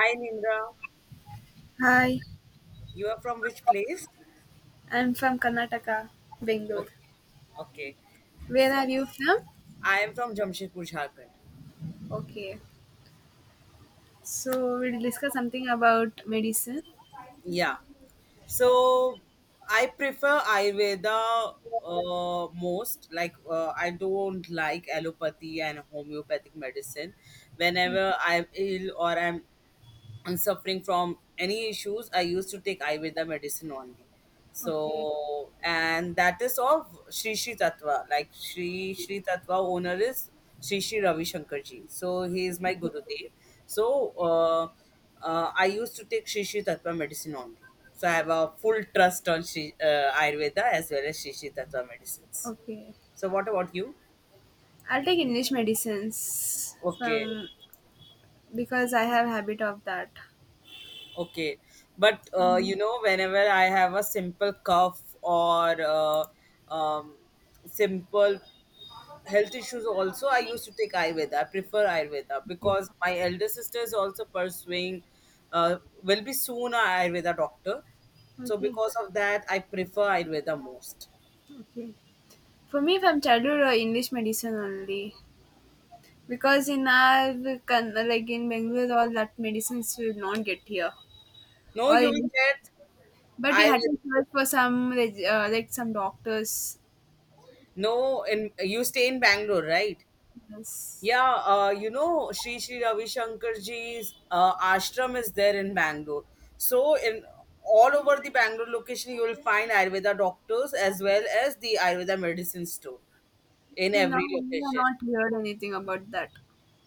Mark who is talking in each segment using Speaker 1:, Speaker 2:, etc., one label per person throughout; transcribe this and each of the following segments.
Speaker 1: Hi Nimra,
Speaker 2: Hi,
Speaker 1: you are from which place?
Speaker 2: I'm from Karnataka, Bangalore.
Speaker 1: Okay, okay.
Speaker 2: Where are you from?
Speaker 1: I am from Jamshedpur, Jharkhand.
Speaker 2: Okay. So we'll discuss something about medicine.
Speaker 1: Yeah. So I prefer Ayurveda most. Like I don't like allopathy and homeopathic medicine. Whenever I'm ill or I'm and suffering from any issues, I used to take Ayurveda medicine only.
Speaker 2: Okay.
Speaker 1: So, and that is of Shri Shri Tattva. Like Shri Shri Tattva owner is Shri Shri Ravi Shankarji. So, he is my Gurudev. So, I used to take Shri Shri Tattva medicine only. So, I have a full trust on Sri, Ayurveda as well as Shri Shri Tattva medicines.
Speaker 2: Okay.
Speaker 1: So, what about you?
Speaker 2: I'll take English medicines
Speaker 1: Okay.
Speaker 2: from because I have habit of that.
Speaker 1: Okay, but
Speaker 2: Mm.
Speaker 1: you know, whenever I have a simple cough or um, simple health issues, also I used to take Ayurveda. I prefer Ayurveda
Speaker 2: Okay.
Speaker 1: because my elder sister is also pursuing, uh, will be soon a Ayurveda doctor. So
Speaker 2: Okay.
Speaker 1: because of that, I prefer Ayurveda most.
Speaker 2: Okay. For me, from childhood, English medicine only. Because in our, like in Bangalore, all that medicines you will not get here.
Speaker 1: No,
Speaker 2: All
Speaker 1: you will
Speaker 2: English.
Speaker 1: get
Speaker 2: But we had
Speaker 1: Ayurveda.
Speaker 2: to search for some like some doctors.
Speaker 1: No, in you stay in Bangalore, right?
Speaker 2: Yes.
Speaker 1: Yeah, you know, Sri Sri Ravi Shankarji's ashram is there in Bangalore. So, in all over the Bangalore location, you will find Ayurveda doctors as well as the Ayurveda medicine store in
Speaker 2: Till now,
Speaker 1: every
Speaker 2: we have
Speaker 1: location.
Speaker 2: not heard anything about that.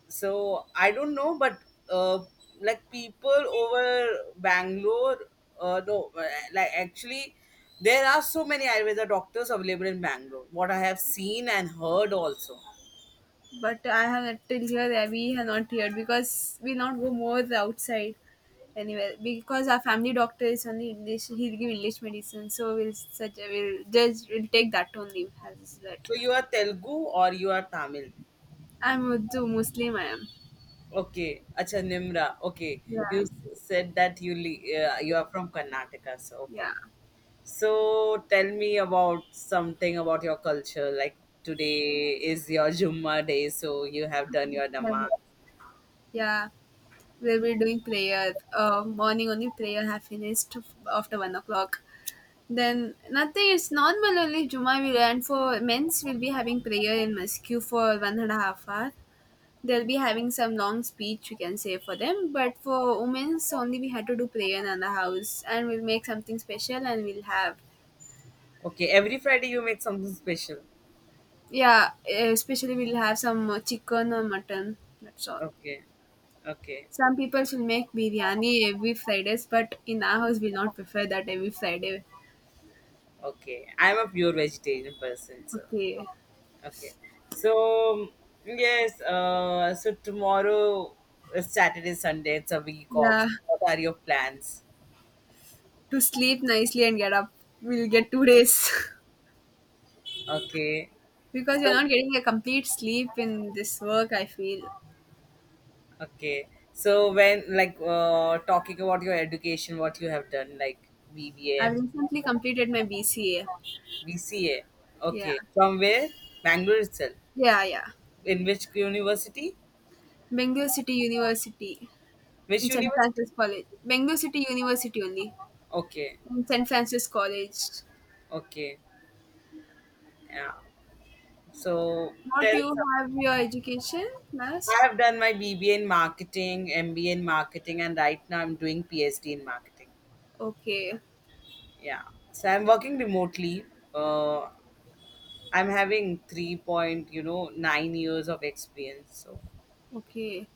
Speaker 1: So, I don't know, but uh, like people over Bangalore, no, like actually, there are so many Ayurveda doctors available in Bangalore, what I have seen and heard also.
Speaker 2: But I have till here that we have not heard because we not go more outside anywhere because our family doctor is only English. He'll give English medicine, so we'll such we'll just we'll take that only as that.
Speaker 1: So, you are Telugu or you are Tamil?
Speaker 2: I'm Urdu Muslim. I am.
Speaker 1: Okay, acha Nimra. Okay,
Speaker 2: Yeah,
Speaker 1: you said that you you are from Karnataka, so okay.
Speaker 2: yeah,
Speaker 1: So tell me about something about your culture. Like today is your Jumma day, so you have done your
Speaker 2: yeah.
Speaker 1: namaz.
Speaker 2: Yeah. We'll be doing prayer. Morning only prayer have finished after 1 o'clock. Then nothing is normal only Juma will, and for men's will be having prayer in mosque for one and a half hour. They'll be having some long speech, we can say, for them. But for women's only we had to do prayer in the house and we'll make something special and we'll have.
Speaker 1: Okay, every Friday you make something special.
Speaker 2: Yeah, especially we'll have some chicken or mutton. That's all.
Speaker 1: Okay, okay,
Speaker 2: Some people will make biryani every Fridays, but in our house we not prefer that every Friday.
Speaker 1: okay. I'm a pure vegetarian person, so
Speaker 2: Okay.
Speaker 1: okay. So yes, so tomorrow is Saturday, Sunday. It's a week off.
Speaker 2: Yeah.
Speaker 1: What are your plans?
Speaker 2: To sleep nicely and get up. We'll get 2 days.
Speaker 1: Okay.
Speaker 2: Because you're
Speaker 1: So,
Speaker 2: not getting a complete sleep in this work, I feel.
Speaker 1: okay. So when like talking about your education, what you have done, like VBA,
Speaker 2: I've recently
Speaker 1: MBA.
Speaker 2: completed my BCA. Yeah,
Speaker 1: Okay. From where? Bangalore itself.
Speaker 2: yeah, yeah.
Speaker 1: In which university?
Speaker 2: Bengaluru City University.
Speaker 1: Which
Speaker 2: In St
Speaker 1: university?
Speaker 2: Francis College. Bengaluru City University only.
Speaker 1: Okay.
Speaker 2: In St Francis College.
Speaker 1: Okay. Yeah. So
Speaker 2: What do
Speaker 1: tell.
Speaker 2: you
Speaker 1: Some.
Speaker 2: have your education last?
Speaker 1: I have done my BBA in marketing, MBA in marketing, and right now I'm doing PhD in marketing.
Speaker 2: Okay.
Speaker 1: Yeah. So I'm working remotely. Uh, I'm having 3 point, you know, 9 years of experience. So,
Speaker 2: okay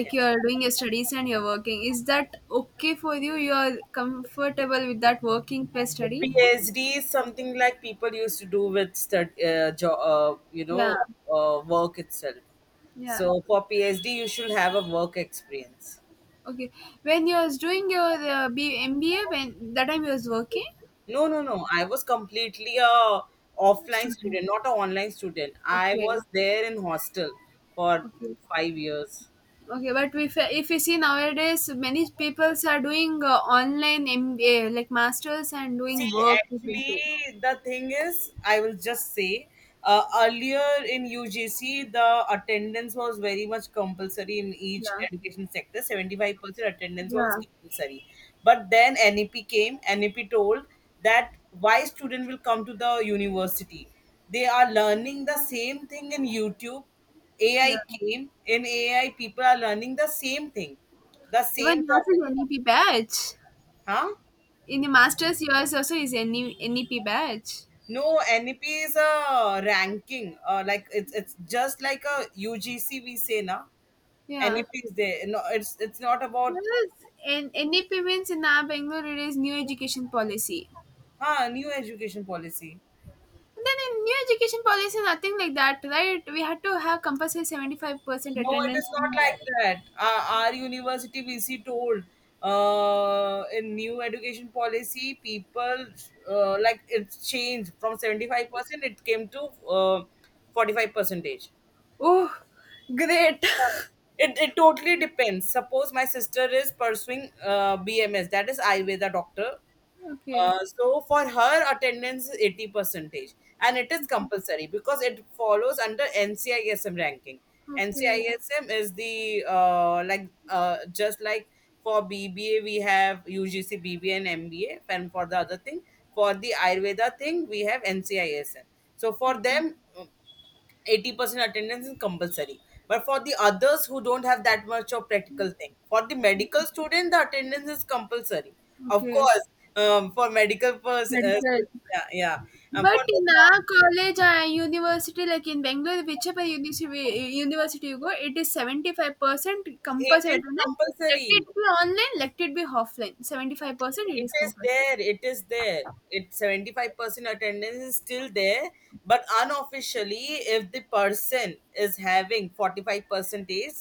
Speaker 1: yeah.
Speaker 2: you are doing your studies and you're working, is that okay for you? You are comfortable with that working plus study?
Speaker 1: PhD is something like people used to do with you
Speaker 2: Yeah,
Speaker 1: know, work itself.
Speaker 2: yeah.
Speaker 1: So for PhD, you should have a work experience.
Speaker 2: Okay, when you was doing your MBA, when that time you was working,
Speaker 1: No, no, no. I was completely a offline
Speaker 2: studying?
Speaker 1: student, not an online student. I
Speaker 2: Okay,
Speaker 1: was there in hostel for
Speaker 2: okay,
Speaker 1: 5 years.
Speaker 2: okay. But if you see nowadays, many people are doing online MBA like masters and
Speaker 1: See,
Speaker 2: doing work. You can say.
Speaker 1: actually, the thing is, I will just say, earlier in UGC, the attendance was very much compulsory in each
Speaker 2: Yeah,
Speaker 1: education sector. 75% attendance was
Speaker 2: yeah,
Speaker 1: compulsory. But then NEP came, NEP told that why student will come to the university. They are learning the same thing in YouTube. AI
Speaker 2: yeah.
Speaker 1: came, in AI, people are learning the same thing, the
Speaker 2: Even
Speaker 1: same
Speaker 2: yours is
Speaker 1: topic.
Speaker 2: NEP badge.
Speaker 1: Huh?
Speaker 2: In the masters, yours also is NEP batch.
Speaker 1: No, NEP is a ranking. Like it's just like a UGC we say na.
Speaker 2: Yeah.
Speaker 1: NEP is there. No, it's not about
Speaker 2: Yes, and NEP means in our Bangalore it is New Education Policy.
Speaker 1: huh, new education policy.
Speaker 2: Then in new education policy, nothing like that, right? We had to have compulsory 75%
Speaker 1: No, it is
Speaker 2: attendance. We
Speaker 1: not like
Speaker 2: had.
Speaker 1: that. Our university VC told in new education policy, people like it's changed from 75%, it came to uh, 45 percentage.
Speaker 2: Oh, great.
Speaker 1: It totally depends. Suppose my sister is pursuing BMS, that is Ayurveda doctor.
Speaker 2: Okay,
Speaker 1: So for her attendance is 80 percentage and it is compulsory because it follows under NCISM ranking.
Speaker 2: okay,
Speaker 1: NCISM is the just like for BBA we have UGC BBA and MBA, and for the other thing, for the Ayurveda thing we have NCISM. So for
Speaker 2: okay,
Speaker 1: them 80% attendance is compulsory, but for the others who don't have that much of practical thing, for the medical student the attendance is compulsory, of
Speaker 2: okay.
Speaker 1: course. For medical person
Speaker 2: Medical.
Speaker 1: yeah, yeah, and
Speaker 2: But
Speaker 1: for the
Speaker 2: in our college, university, like in Bangalore, whichever university you go, it is 75%
Speaker 1: it
Speaker 2: compulsory
Speaker 1: is
Speaker 2: attendance. Let it
Speaker 1: compulsory.
Speaker 2: be online, let it be offline. 75% it
Speaker 1: It
Speaker 2: is
Speaker 1: is
Speaker 2: compulsory.
Speaker 1: there. It is there. It's 75% attendance is still there. But unofficially, if the person is having 45 percentage,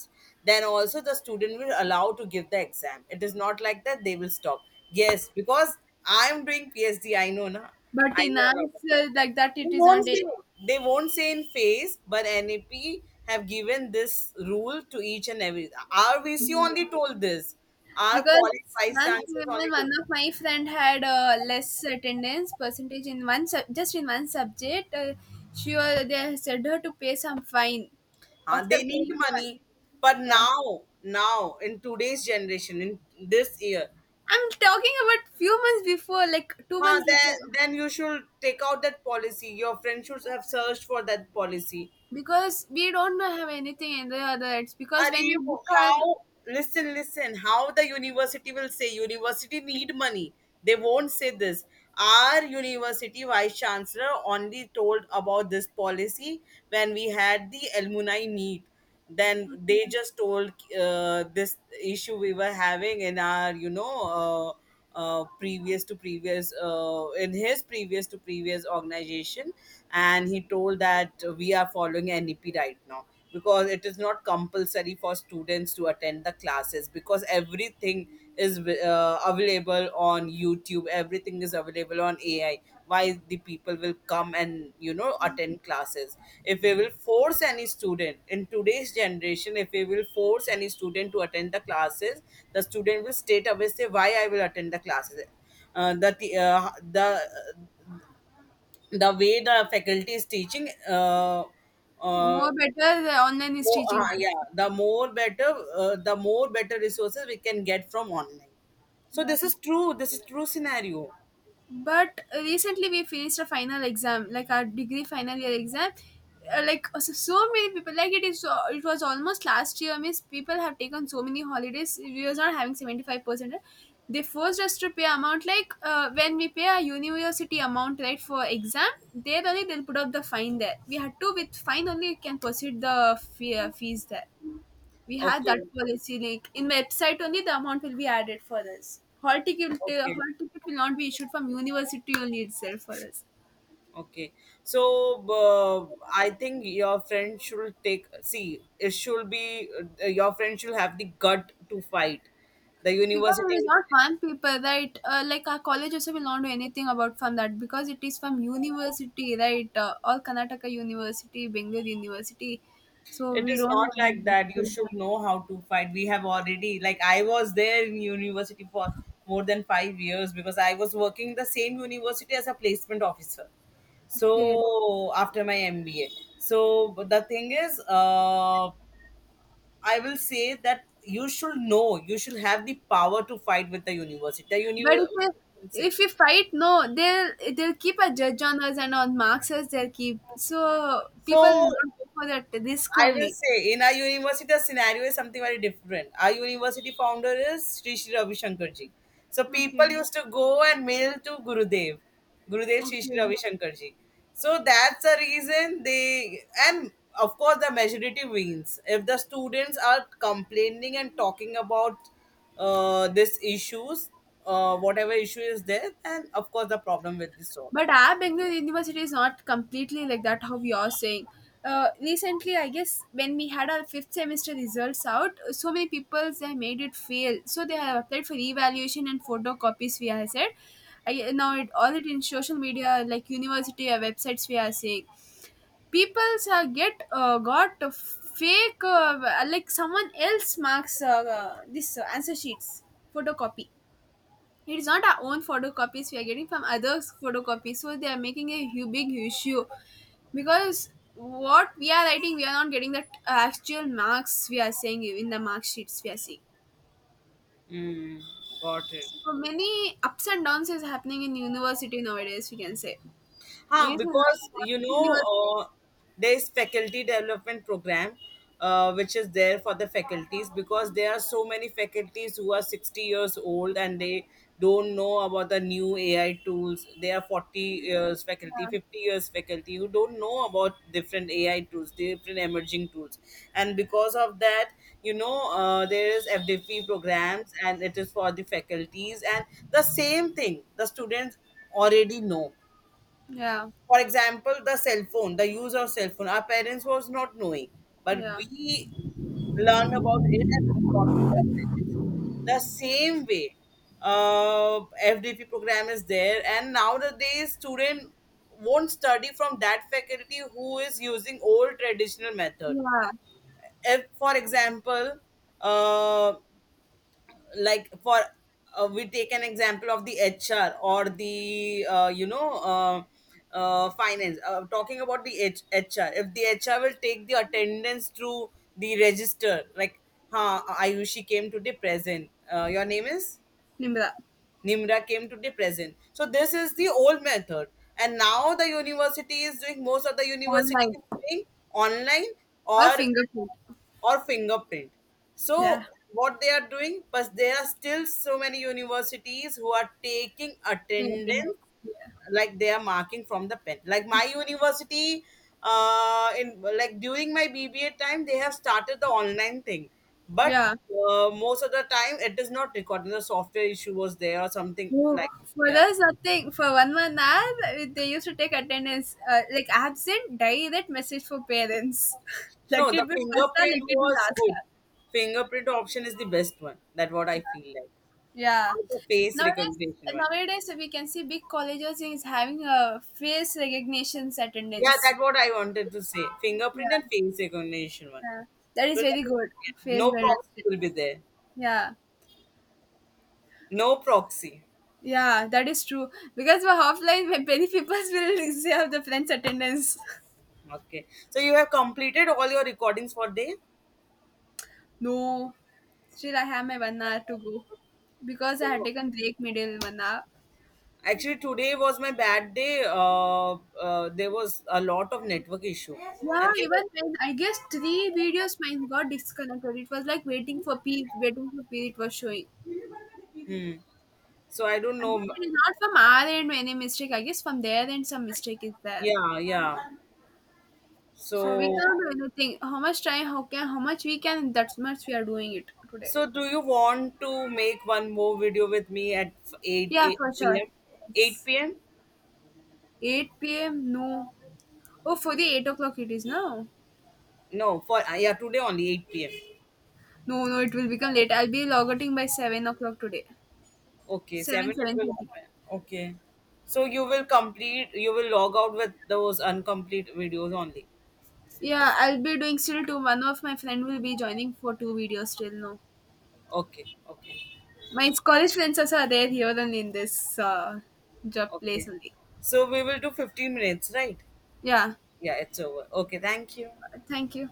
Speaker 1: then also the student will allow to give the exam. It is not like that they will stop. Yes, because I'm doing PhD, I know na.
Speaker 2: But
Speaker 1: I
Speaker 2: in
Speaker 1: know a lot
Speaker 2: ours,
Speaker 1: of it.
Speaker 2: like that,
Speaker 1: they
Speaker 2: it is not.
Speaker 1: won't say they won't say in face, but NAP have given this rule to each and every. Our VC only told this. Our
Speaker 2: Because
Speaker 1: college vice
Speaker 2: once
Speaker 1: chancellors only
Speaker 2: even one
Speaker 1: told.
Speaker 2: of my friend had less attendance percentage in one just in one subject. She was They said her to pay some fine. After
Speaker 1: They need
Speaker 2: paying fine,
Speaker 1: money, but
Speaker 2: yeah.
Speaker 1: now in today's generation, in this year,
Speaker 2: I'm talking about few months before, like two
Speaker 1: huh,
Speaker 2: months
Speaker 1: then
Speaker 2: before,
Speaker 1: then you should take out that policy. Your friend should have searched for that policy.
Speaker 2: because we don't have anything in the other. It's because when
Speaker 1: Arey,
Speaker 2: we book our
Speaker 1: how listen, how the university will say university need money. They won't say this. Our university vice chancellor only told about this policy when we had the alumni meet. Then they just told this issue we were having in our, you know, previous to previous in his previous to previous organization, and he told that we are following NEP right now because it is not compulsory for students to attend the classes because everything is available on YouTube. Every everything is available on AI, why the people will come and you know attend classes. If we will force any student in today's generation, if we will force any student to attend the classes, the student will straight away say why I will attend the classes. The the way the faculty is teaching. Uh,
Speaker 2: more better, the online is
Speaker 1: Oh,
Speaker 2: teaching
Speaker 1: yeah,
Speaker 2: us.
Speaker 1: the more better resources we can get from online. So
Speaker 2: Yeah,
Speaker 1: this is true. This is true scenario.
Speaker 2: but recently we finished a final exam like our degree final year exam. So many people, like, it is it was almost last year, means people have taken so many holidays we was not having 75%. They forced us to pay amount, like, when we pay our university amount right for exam, there only they'll put up the fine. There we had to with fine only you can proceed the fees there. We have that
Speaker 1: Okay.
Speaker 2: policy like in website only the amount will be added for us. Hall ticket uh,
Speaker 1: Okay.
Speaker 2: hall ticket will not be issued from university only itself for us.
Speaker 1: Okay, so I think your friend should take. See, it should be your friend should have the gut to fight. The
Speaker 2: Because it
Speaker 1: university,
Speaker 2: is not one paper, right? Like our college also will not do anything about from that, because it is from university, right? All Karnataka University, Bengaluru University. So
Speaker 1: it
Speaker 2: we
Speaker 1: is
Speaker 2: don't
Speaker 1: not
Speaker 2: have
Speaker 1: like that. You
Speaker 2: any.
Speaker 1: should know how to fight. We have already, like, I was there in university for more than 5 years because I was working the same university as a placement officer.
Speaker 2: Okay.
Speaker 1: So after my MBA, so but the thing is, I will say that you should know, you should have the power to fight with the university. The
Speaker 2: But if we,
Speaker 1: universe,
Speaker 2: if we fight, no, they'll keep a judge on us and on marks us. They'll keep, so people
Speaker 1: so
Speaker 2: will not go for that risk
Speaker 1: I will
Speaker 2: only.
Speaker 1: say in our university the scenario is something very different. Our university founder is Sri Sri Ravi Shankarji. So
Speaker 2: Okay,
Speaker 1: people used to go and mail to Gurudev, Gurudev Sri
Speaker 2: okay.
Speaker 1: Sri Ravi Shankarji. So that's the reason they, and of course the majority wins. If the students are complaining and talking about these issues, whatever issue is there, then of course the problem will be solved.
Speaker 2: But our Bangalore University is not completely like that, how you're saying. Recently, I guess when we had our fifth semester results out, so many people they made it fail. So they have applied for evaluation and photocopies. We are said, now it all it in social media, like university websites. We are saying people get got a fake, like someone else marks, this answer sheets photocopy. It's not our own photocopies, we are getting from others' photocopies, so they are making a big issue, because what we are writing, we are not getting the actual marks we are saying in the mark sheets we are seeing.
Speaker 1: Mm, got it.
Speaker 2: So many ups and downs is happening in university nowadays, we can say, I
Speaker 1: Huh,
Speaker 2: guess, in
Speaker 1: because you know
Speaker 2: universities.
Speaker 1: there is faculty development program which is there for the faculties, because there are so many faculties who are 60 years old and they don't know about the new AI tools. They are 40 years faculty,
Speaker 2: Yeah,
Speaker 1: 50 years faculty, who don't know about different AI tools, different emerging tools, and because of that, you know, there is FDP programs and it is for the faculties, and the same thing the students already know.
Speaker 2: yeah,
Speaker 1: For example, the cell phone, the use of cell phone, our parents was not knowing, but
Speaker 2: yeah,
Speaker 1: we learned about it and we taught to our parents. The same way uh, FDP program is there, and nowadays student won't study from that faculty who is using old traditional method.
Speaker 2: yeah,
Speaker 1: If for example, uh, like for we take an example of the HR or the finance, talking about the HR, if the HR will take the attendance through the register, like huh, Ayushi came today present, your name is
Speaker 2: Nimra.
Speaker 1: Nimra, came to be present. So this is the old method. And now the university is doing, most of the university is
Speaker 2: Online
Speaker 1: doing online
Speaker 2: or
Speaker 1: or
Speaker 2: fingerprint.
Speaker 1: or fingerprint.
Speaker 2: Yeah,
Speaker 1: So what they are doing, but there are still so many universities who are taking
Speaker 2: fingerprint.
Speaker 1: attendance
Speaker 2: Yeah,
Speaker 1: like they are marking from the pen, like my university in like during my BBA time they have started the online thing, but
Speaker 2: yeah.
Speaker 1: most of the time it is not recorded, the software issue was there or something
Speaker 2: No,
Speaker 1: like,
Speaker 2: for
Speaker 1: yeah,
Speaker 2: us, I think for 1 month hour, they used to take attendance. Like absent, direct message for parents. Let
Speaker 1: no, the
Speaker 2: it be first hour, let
Speaker 1: fingerprint
Speaker 2: it be
Speaker 1: was
Speaker 2: last
Speaker 1: good.
Speaker 2: hour.
Speaker 1: Fingerprint option is the best one, that what I feel like,
Speaker 2: Yeah.
Speaker 1: or the face
Speaker 2: Nowadays,
Speaker 1: recognition one.
Speaker 2: nowadays we can see big colleges is having a face recognition
Speaker 1: Yeah,
Speaker 2: attendance.
Speaker 1: that what I wanted to say,
Speaker 2: Yeah,
Speaker 1: fingerprint and face recognition one.
Speaker 2: yeah. That
Speaker 1: So
Speaker 2: is very
Speaker 1: that is,
Speaker 2: good.
Speaker 1: yeah,
Speaker 2: Face
Speaker 1: no proxy
Speaker 2: recognition.
Speaker 1: will be there,
Speaker 2: Yeah.
Speaker 1: no proxy.
Speaker 2: Yeah, that is true. Because for offline, many people will have the friends attendance.
Speaker 1: Okay. So you have completed all your recordings for day.
Speaker 2: No, still I have my 1 hour to go, because I had
Speaker 1: So
Speaker 2: taken break middle 1 hour.
Speaker 1: actually today was my bad day. There was a lot of network issue,
Speaker 2: Yeah,
Speaker 1: and they
Speaker 2: even
Speaker 1: were,
Speaker 2: when I guess three videos mine got disconnected. It was like waiting for P, waiting for P, it was showing.
Speaker 1: hmm, so I don't
Speaker 2: I guess
Speaker 1: know.
Speaker 2: it is not from our end any mistake. I guess from their end some mistake is there.
Speaker 1: Yeah, yeah.
Speaker 2: So we
Speaker 1: So
Speaker 2: cannot do anything. How much time? How can? How much we can? That's much we are doing it today.
Speaker 1: so do you want to make one more video with me at eight
Speaker 2: Yeah,
Speaker 1: eight
Speaker 2: for sure.
Speaker 1: p.m.? Eight p.m.?
Speaker 2: 8 p.m. No. Oh, for the 8 o'clock it is now.
Speaker 1: No, for yeah, today only eight p.m.
Speaker 2: No, no, it will become late. I'll be logging by 7 o'clock today.
Speaker 1: Okay,
Speaker 2: Seven
Speaker 1: seven it
Speaker 2: seven
Speaker 1: will
Speaker 2: thirty.
Speaker 1: happen. Okay. So you will complete, you will log out with those incomplete videos only.
Speaker 2: Yeah, I'll be doing still two. One of my friend will be joining for two videos still. No,
Speaker 1: Okay, okay,
Speaker 2: my college friends also are there here and in this job place
Speaker 1: okay.
Speaker 2: only.
Speaker 1: So we will do 15 minutes, right?
Speaker 2: Yeah,
Speaker 1: Yeah, it's over. Okay, thank you.
Speaker 2: thank you.